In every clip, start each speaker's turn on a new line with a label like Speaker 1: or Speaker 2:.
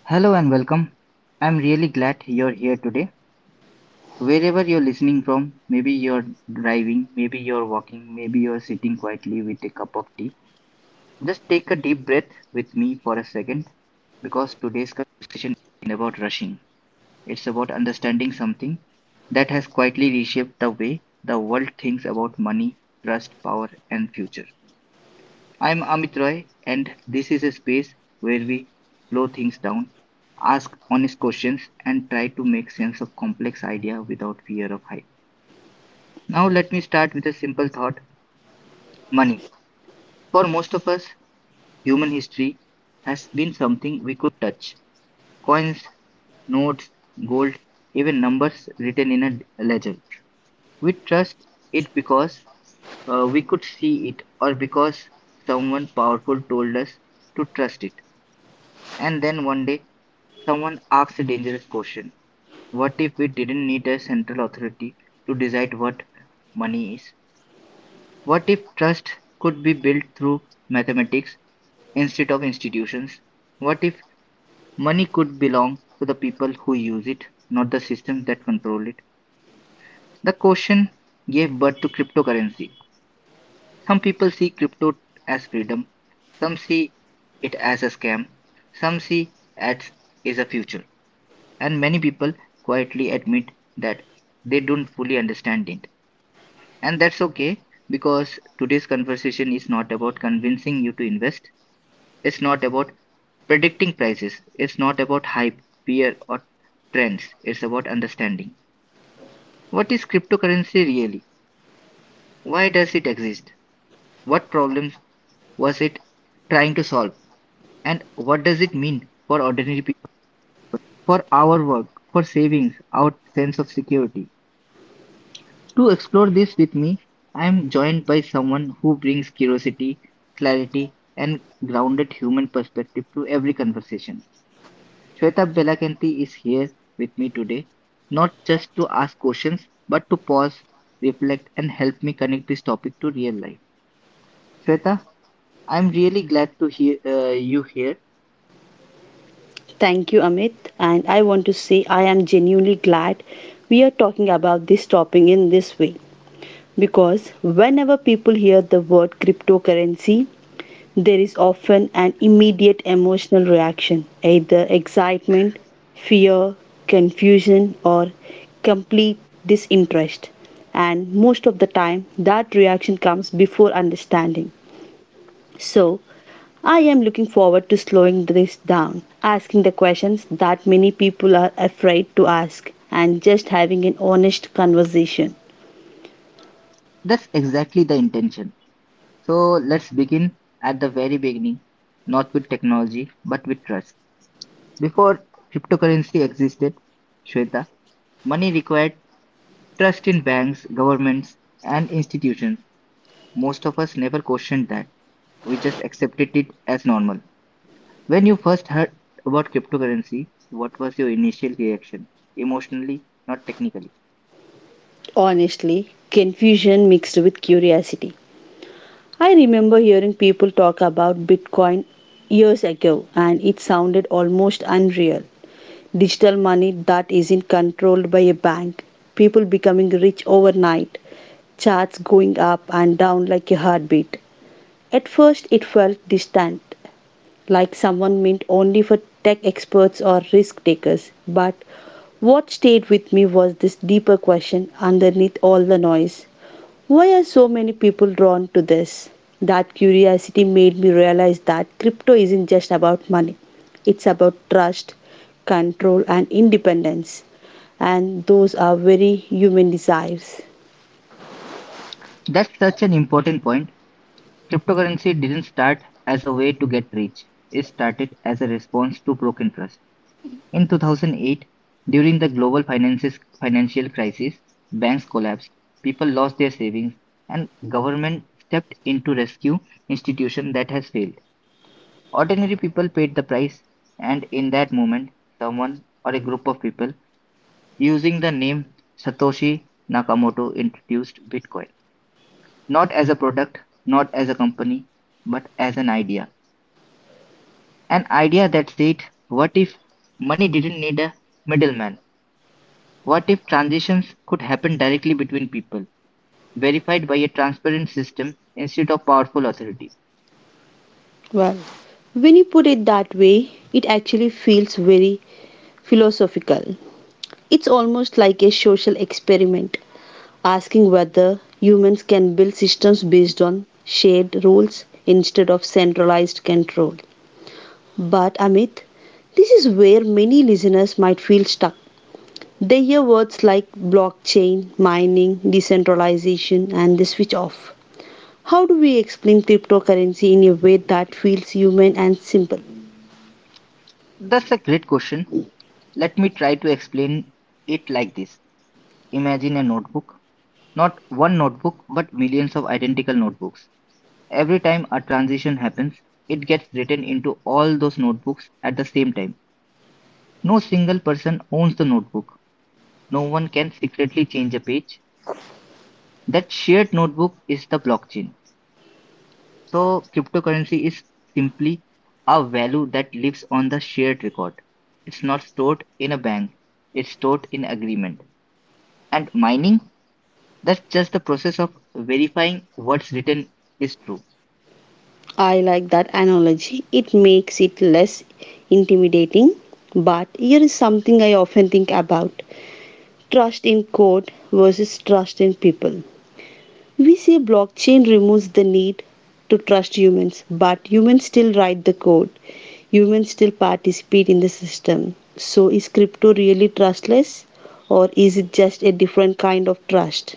Speaker 1: Hello and welcome. I'm really glad you're here today. Wherever you're listening from, maybe you're driving, maybe you're walking, maybe you're sitting quietly with a cup of tea. Just take a deep breath with me for a second because today's conversation isn't about rushing. It's about understanding something that has quietly reshaped the way the world thinks about money, trust, power, and future. I'm Amit Roy, and this is a space where we slow things down, ask honest questions, and try to make sense of complex idea without fear of hype. Now, let me start with a simple thought money. For most of us, human history has been something we could touch coins, notes, gold, even numbers written in a ledger. We trust it because we could see it or because someone powerful told us to trust it. And then one day, someone asks a dangerous question. What if we didn't need a central authority to decide what money is? What if trust could be built through mathematics instead of institutions? What if money could belong to the people who use it, not the systems that control it? The question gave birth to cryptocurrency. Some people see crypto as freedom, some see it as a scam, some see it as a future. And many people quietly admit that they don't fully understand it, and that's okay because today's conversation is not about convincing you to invest. It's not about predicting prices. It's not about hype, fear, or trends. It's about understanding what is cryptocurrency really, why does it exist, what problems was it trying to solve, and what does it mean for ordinary people, for our work, for savings, our sense of security. To explore this with me, I am joined by someone who brings curiosity, clarity, and grounded human perspective to every conversation. Shweta Belakanti is here with me today, not just to ask questions, but to pause, reflect, and help me connect this topic to real life. Shweta, I'm really glad to hear you here.
Speaker 2: Thank you, Amit. And I want to say I am genuinely glad we are talking about this topic in this way because whenever people hear the word cryptocurrency, there is often an immediate emotional reaction, either excitement, fear, confusion, or complete disinterest. And most of the time, that reaction comes before understanding. So, I am looking forward to slowing this down, asking the questions that many people are afraid to ask, and just having an honest conversation.
Speaker 1: That's exactly the intention. So let's begin at the very beginning, not with technology, but with trust. Before cryptocurrency existed, Shweta, money required trust in banks, governments, and institutions. Most of us never questioned that. We just accepted it as normal. When you first heard about cryptocurrency, what was your initial reaction? Emotionally, not technically.
Speaker 2: Honestly, confusion mixed with curiosity. I remember hearing people talk about Bitcoin years ago, and it sounded almost unreal. Digital money that isn't controlled by a bank, people becoming rich overnight, charts going up and down like a heartbeat. At first, it felt distant, like someone meant only for tech experts or risk takers. But what stayed with me was this deeper question underneath all the noise: why are so many people drawn to this? That curiosity made me realize that crypto isn't just about money, it's about trust, control, and independence. And those are very human desires.
Speaker 1: That's such an important point. Cryptocurrency didn't start as a way to get rich. It started as a response to broken trust. In 2008, during the global financial crisis, banks collapsed, people lost their savings, and government stepped in to rescue institution that has failed. Ordinary people paid the price, and in that moment, someone or a group of people using the name Satoshi Nakamoto introduced Bitcoin, not as a product, not as a company, but as an idea. An idea that said, what if money didn't need a middleman? What if transitions could happen directly between people, verified by a transparent system instead of powerful authority?
Speaker 2: Well, when you put it that way, it actually feels very philosophical. It's almost like a social experiment, asking whether humans can build systems based on shared rules instead of centralized control. But Amit, this is where many listeners might feel stuck. They hear words like blockchain, mining, decentralization, and they switch off. How do we explain cryptocurrency in a way that feels human and simple?
Speaker 1: That's a great question. Let me try to explain it like this. Imagine a notebook, not one notebook, but millions of identical notebooks. Every time a transition happens, it gets written into all those notebooks at the same time. No single person owns the notebook. No one can secretly change a page. That shared notebook is the blockchain. So cryptocurrency is simply a value that lives on the shared record. It's not stored in a bank. It's stored in agreement. And mining, that's just the process of verifying what's written is true.
Speaker 2: I like that analogy. It makes it less intimidating. But here is something I often think about: trust in code versus trust in people. We say blockchain removes the need to trust humans, but humans still write the code, humans still participate in the system. So, is crypto really trustless, or is it just a different kind of trust?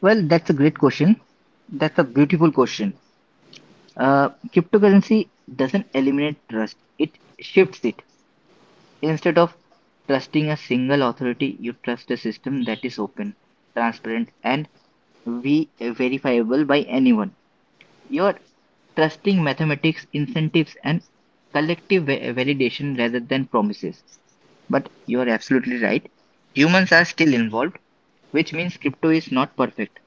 Speaker 1: Well, that's a great question. That's a beautiful question. Cryptocurrency doesn't eliminate trust. It shifts it. Instead of trusting a single authority, you trust a system that is open, transparent, and we verifiable by anyone. You're trusting mathematics, incentives, and collective validation rather than promises. But you're absolutely right. Humans are still involved, which means crypto is not perfect.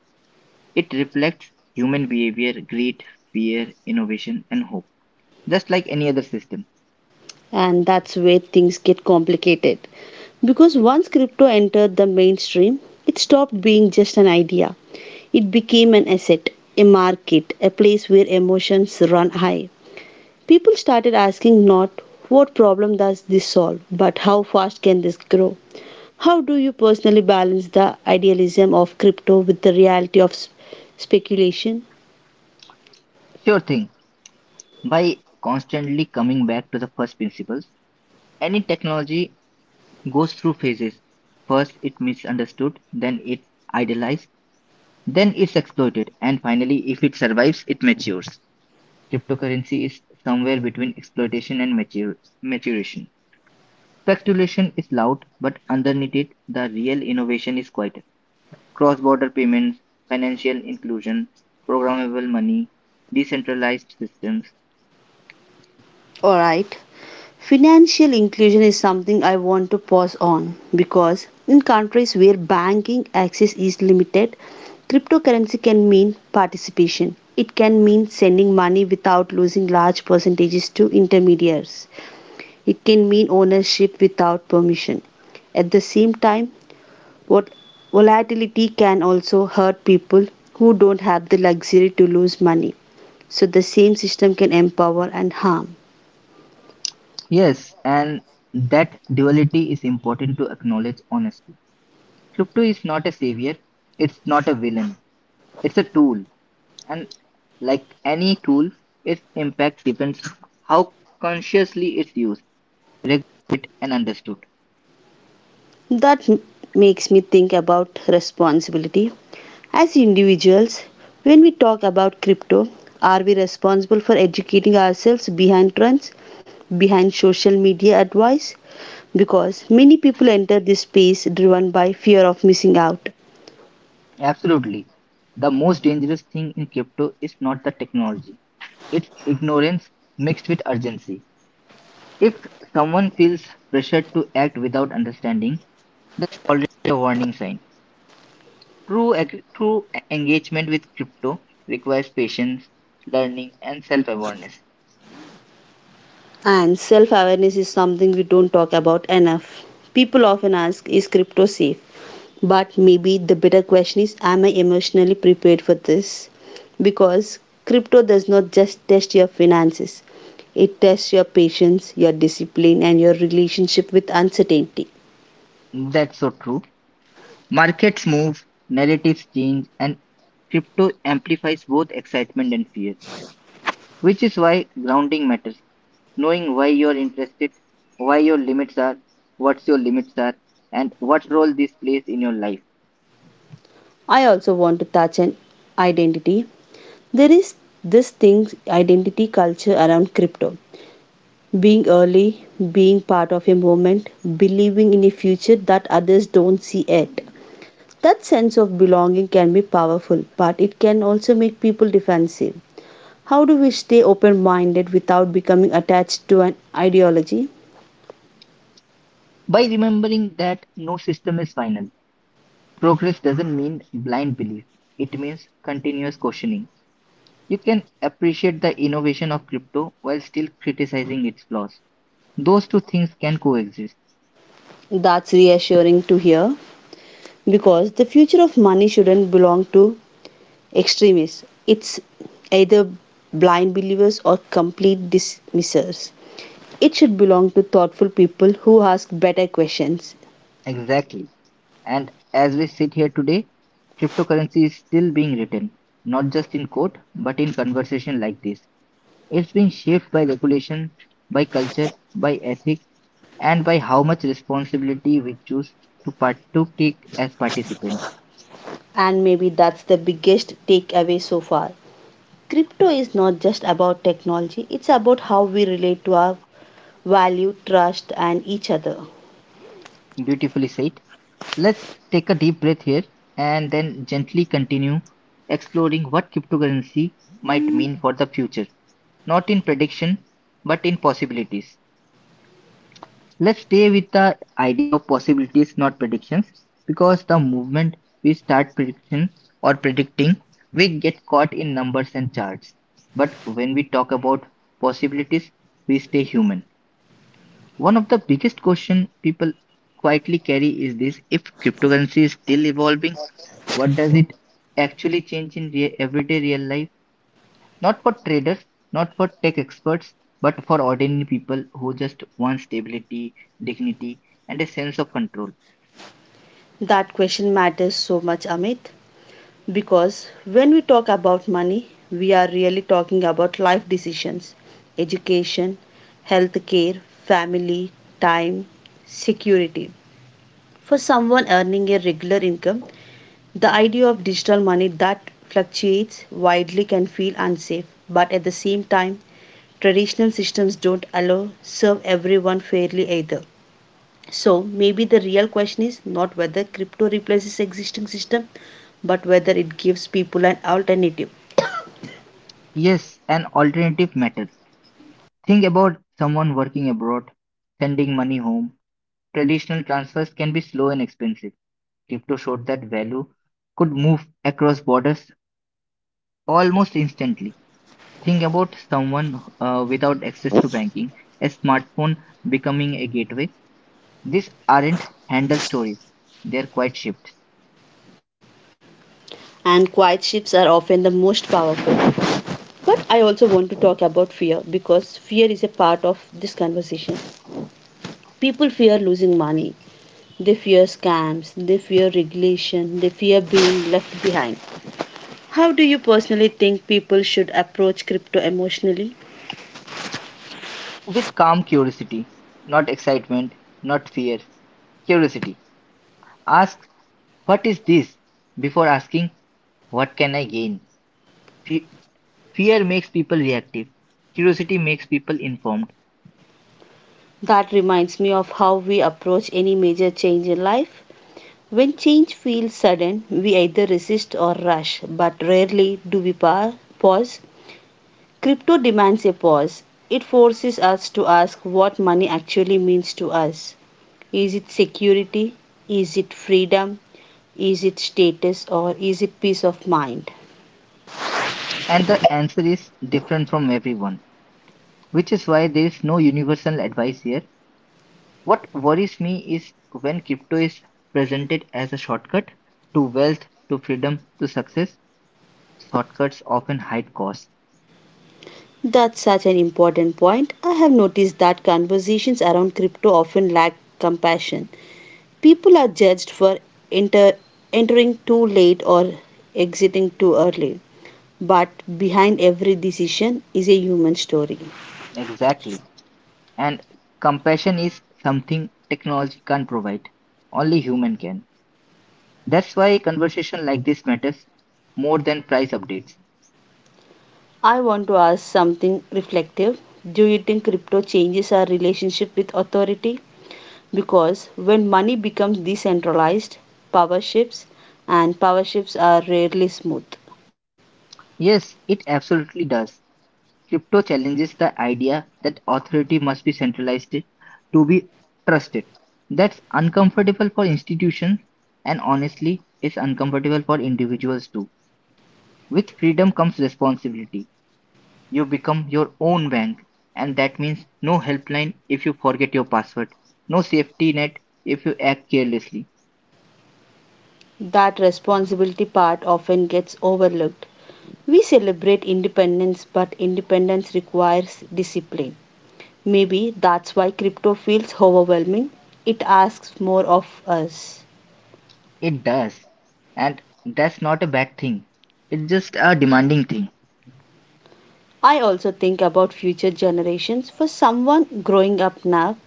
Speaker 1: It reflects human behavior, greed, fear, innovation, and hope, just like any other system.
Speaker 2: And that's where things get complicated. Because once crypto entered the mainstream, it stopped being just an idea. It became an asset, a market, a place where emotions run high. People started asking not what problem does this solve, but how fast can this grow? How do you personally balance the idealism of crypto with the reality of speculation?
Speaker 1: Sure thing. By constantly coming back to the first principles, any technology goes through phases. First, it's misunderstood, then it's idealized, then it's exploited, and finally, if it survives, it matures. Cryptocurrency is somewhere between exploitation and maturation. Speculation is loud, but underneath it, the real innovation is quieter. Cross border payments, financial inclusion, programmable money, decentralized systems.
Speaker 2: All right. Financial inclusion is something I want to pause on because in countries where banking access is limited, cryptocurrency can mean participation. It can mean sending money without losing large percentages to intermediaries. It can mean ownership without permission. At the same time, what volatility can also hurt people who don't have the luxury to lose money. So the same system can empower and harm.
Speaker 1: Yes, and that duality is important to acknowledge honestly. Crypto is not a savior, it's not a villain, it's a tool. And like any tool, its impact depends how consciously it's used, regulated, and understood.
Speaker 2: That m- Makes me think about responsibility. As individuals, when we talk about crypto, are we responsible for educating ourselves behind trends, behind social media advice? Because many people enter this space driven by fear of missing out.
Speaker 1: Absolutely. The most dangerous thing in crypto is not the technology, it's ignorance mixed with urgency. If someone feels pressured to act without understanding, that's already a warning sign. True, engagement with crypto requires patience, learning, and self awareness.
Speaker 2: And self awareness is something we don't talk about enough. People often ask, is crypto safe? But maybe the better question is, am I emotionally prepared for this? Because crypto does not just test your finances, it tests your patience, your discipline, and your relationship with uncertainty.
Speaker 1: That's so true. Markets move, narratives change, and crypto amplifies both excitement and fear, which is why grounding matters. Knowing why you're interested, why your limits are, what's your limits are, and what role this plays in your life.
Speaker 2: I also want to touch on identity. There is this thing identity culture around crypto. Being early, being part of a movement, believing in a future that others don't see yet. That sense of belonging can be powerful, but it can also make people defensive. How do we stay open minded without becoming attached to an ideology?
Speaker 1: By remembering that no system is final, progress doesn't mean blind belief, it means continuous questioning. You can appreciate the innovation of crypto while still criticizing its flaws. Those two things can coexist.
Speaker 2: That's reassuring to hear because the future of money shouldn't belong to extremists. It's either blind believers or complete dismissers. It should belong to thoughtful people who ask better questions.
Speaker 1: Exactly. And as we sit here today, cryptocurrency is still being written, not just in code, but in conversation like this. It's being shaped by regulation, by culture, by ethics, and by how much responsibility we choose to take as participants.
Speaker 2: And maybe that's the biggest takeaway so far. Crypto is not just about technology, it's about how we relate to our value, trust, and each other.
Speaker 1: Beautifully said. Let's take a deep breath here and then gently continue exploring what cryptocurrency might mean for the future, not in prediction, but in possibilities. Let's stay with the idea of possibilities, not predictions, because the moment we start prediction or predicting, we get caught in numbers and charts. But when we talk about possibilities, we stay human. One of the biggest question people quietly carry is this: if cryptocurrency is still evolving, what does it actually change in everyday real life? Not for traders, not for tech experts, but for ordinary people who just want stability, dignity, and a sense of control.
Speaker 2: That question matters so much, Amit, because when we talk about money, we are really talking about life decisions, education, health care, family, time, security. For someone earning a regular income, the idea of digital money that fluctuates widely can feel unsafe, but at the same time, traditional systems don't allow serve everyone fairly either. So maybe the real question is not whether crypto replaces existing system, but whether it gives people an alternative.
Speaker 1: Yes, an alternative matters. Think about someone working abroad, sending money home. Traditional transfers can be slow and expensive. Crypto showed that value could move across borders almost instantly. Think about someone without access to banking, a smartphone becoming a gateway. These aren't handle stories, they're quite shifts.
Speaker 2: And quiet shifts are often the most powerful. But I also want to talk about fear because fear is a part of this conversation. People fear losing money, they fear scams, they fear regulation, they fear being left behind. How do you personally think people should approach crypto emotionally?
Speaker 1: With calm curiosity, not excitement, not fear, curiosity. Ask, what is this? Before asking, what can I gain? Fe- Fear makes people reactive, curiosity makes people informed,
Speaker 2: That reminds me of how we approach any major change in life. When change feels sudden, we either resist or rush, but rarely do we pause. Crypto demands a pause. It forces us to ask what money actually means to us. Is it security? Is it freedom? Is it status? Or is it peace of mind?
Speaker 1: and the answer is different from everyone, which is why there is no universal advice here. What worries me is when crypto is presented as a shortcut to wealth, to freedom, to success, shortcuts often hide costs.
Speaker 2: That's such an important point. I have noticed that conversations around crypto often lack compassion. People are judged for enter, entering too late or exiting too early. But behind every decision is a human story.
Speaker 1: Exactly. And compassion is something technology can't provide. Only human can. That's why a conversation like this matters more than price updates.
Speaker 2: I want to ask something reflective. Do you think crypto changes our relationship with authority? Because when money becomes decentralized, power shifts, and power shifts are rarely smooth.
Speaker 1: Yes, it absolutely does. Crypto challenges the idea that authority must be centralized to be trusted. That's uncomfortable for institutions, and honestly, it's uncomfortable for individuals too. With freedom comes responsibility. You become your own bank, and that means no helpline if you forget your password, no safety net if you act carelessly.
Speaker 2: That responsibility part often gets overlooked. We celebrate independence, but independence requires discipline. Maybe that's why crypto feels overwhelming. It asks more of us.
Speaker 1: It does. And that's not a bad thing. It's just a demanding thing.
Speaker 2: I also think about future generations. For someone growing up now,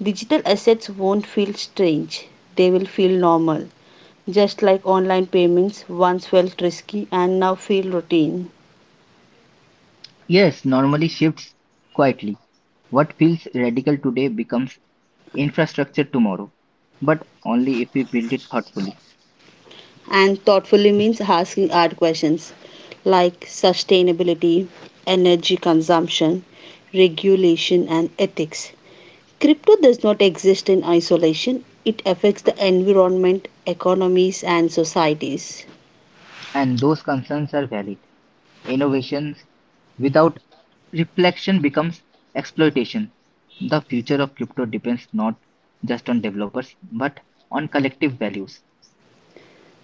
Speaker 2: digital assets won't feel strange, they will feel normal. Just like online payments once felt risky and now feel routine.
Speaker 1: Yes, normally shifts quietly. What feels radical today becomes infrastructure tomorrow, but only if we build it thoughtfully.
Speaker 2: And thoughtfully means asking hard questions like sustainability, energy consumption, regulation, and ethics. Crypto does not exist in isolation, it affects the environment, economies, and societies.
Speaker 1: And those concerns are valid. Innovations without reflection becomes exploitation. The future of crypto depends not just on developers but on collective values.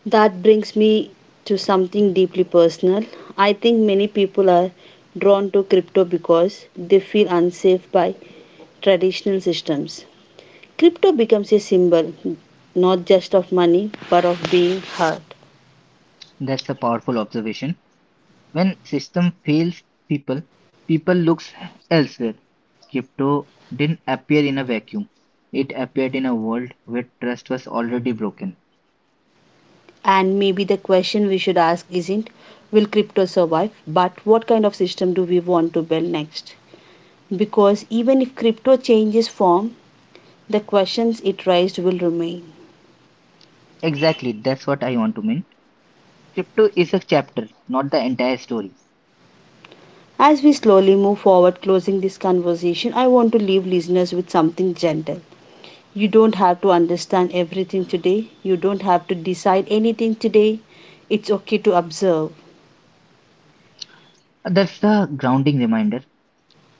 Speaker 2: That brings me to something deeply personal. I think many people are drawn to crypto because they feel unsafe by traditional systems. Crypto becomes a symbol not just of money but of being heard.
Speaker 1: That's a powerful observation. When system fails people, people looks elsewhere. Crypto didn't appear in a vacuum. It appeared in a world where trust was already broken.
Speaker 2: And maybe the question we should ask isn't will crypto survive, but what kind of system do we want to build next? Because even if crypto changes form, the questions it raised will remain.
Speaker 1: Exactly, that's what I want to mean. Crypto is a chapter, not the entire story.
Speaker 2: As we slowly move forward, closing this conversation, I want to leave listeners with something gentle. You don't have to understand everything today, you don't have to decide anything today. It's okay to observe.
Speaker 1: That's the grounding reminder.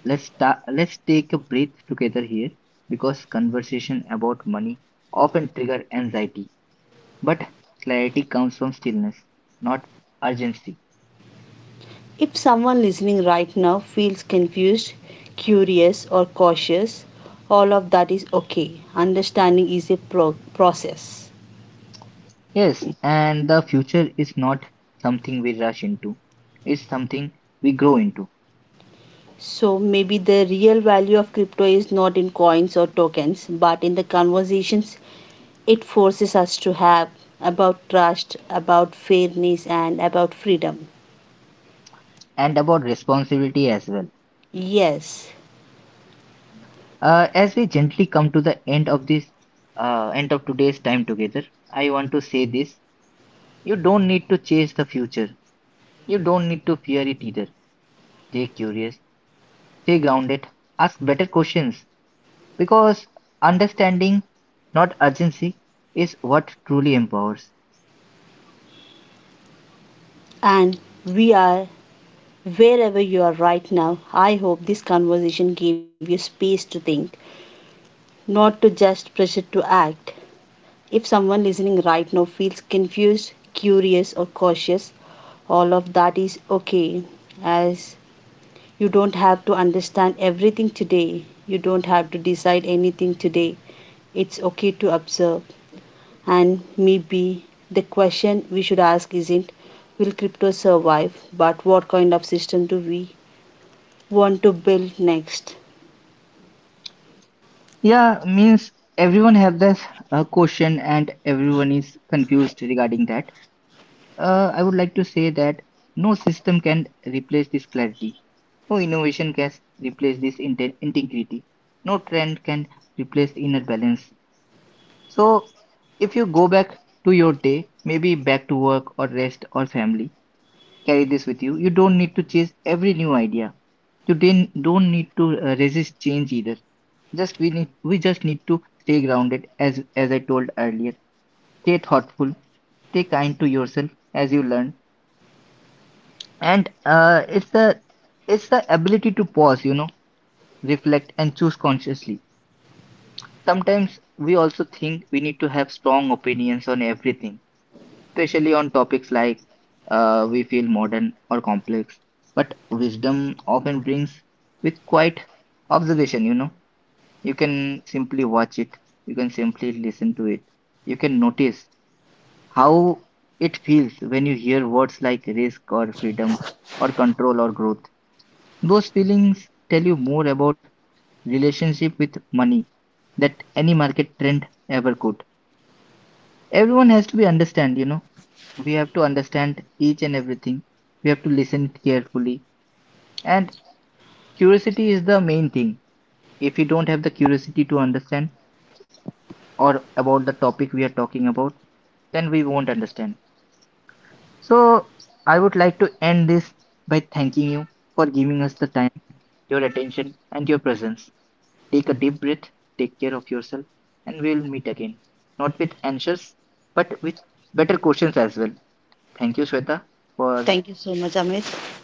Speaker 1: Let's take a breath together here because conversation about money often trigger anxiety, but clarity comes from stillness, not urgency.
Speaker 2: If someone listening right now feels confused, curious, or cautious, all of that is okay. Understanding is a process.
Speaker 1: Yes, and the future is not something we rush into. It's something we grow into.
Speaker 2: So maybe the real value of crypto is not in coins or tokens, but in the conversations it forces us to have about trust, about fairness, and about freedom.
Speaker 1: And about responsibility as well.
Speaker 2: Yes,
Speaker 1: As we gently come to the end of this end of today's time together, I want to say this. You don't need to chase the future. You don't need to fear it either. Stay curious, stay grounded, ask better questions because understanding, not urgency, is what truly empowers.
Speaker 2: and we are wherever you are right now. I hope this conversation gave you space to think, not to just pressure to act. If someone listening right now feels confused, curious, or cautious, all of that is okay, as you don't have to understand everything today. You don't have to decide anything today. It's okay to observe. And maybe the question we should ask isn't will crypto survive, but what kind of system do we want to build next?
Speaker 1: Yeah, means everyone have this question and everyone is confused regarding that. I would like to say that no system can replace this clarity. No innovation can replace this integrity. No trend can replace inner balance. So if you go back to your day, maybe back to work or rest or family, carry this with you. You don't need to chase every new idea. You didn't don't need to resist change either. Just we just need to stay grounded as I told earlier. Stay thoughtful, stay kind to yourself as you learn. And it's the ability to pause, reflect and choose consciously. Sometimes we also think we need to have strong opinions on everything, especially on topics like we feel modern or complex. But wisdom often brings with quite observation, you know. You can simply watch it, you can simply listen to it, you can notice how it feels when you hear words like risk or freedom or control or growth. Those feelings tell you more about relationship with money that any market trend ever could. Everyone has to be understand. We have to understand each and everything, we have to listen carefully, and curiosity is the main thing. If we don't have the curiosity to understand or about the topic we are talking about, then we won't understand. So I would like to end this by thanking you for giving us the time, your attention and your presence. Take a deep breath, take care of yourself, and we'll meet again, not with answers, but with better questions as well. Thank you, Shweta, for
Speaker 2: Thank you so much, Amit.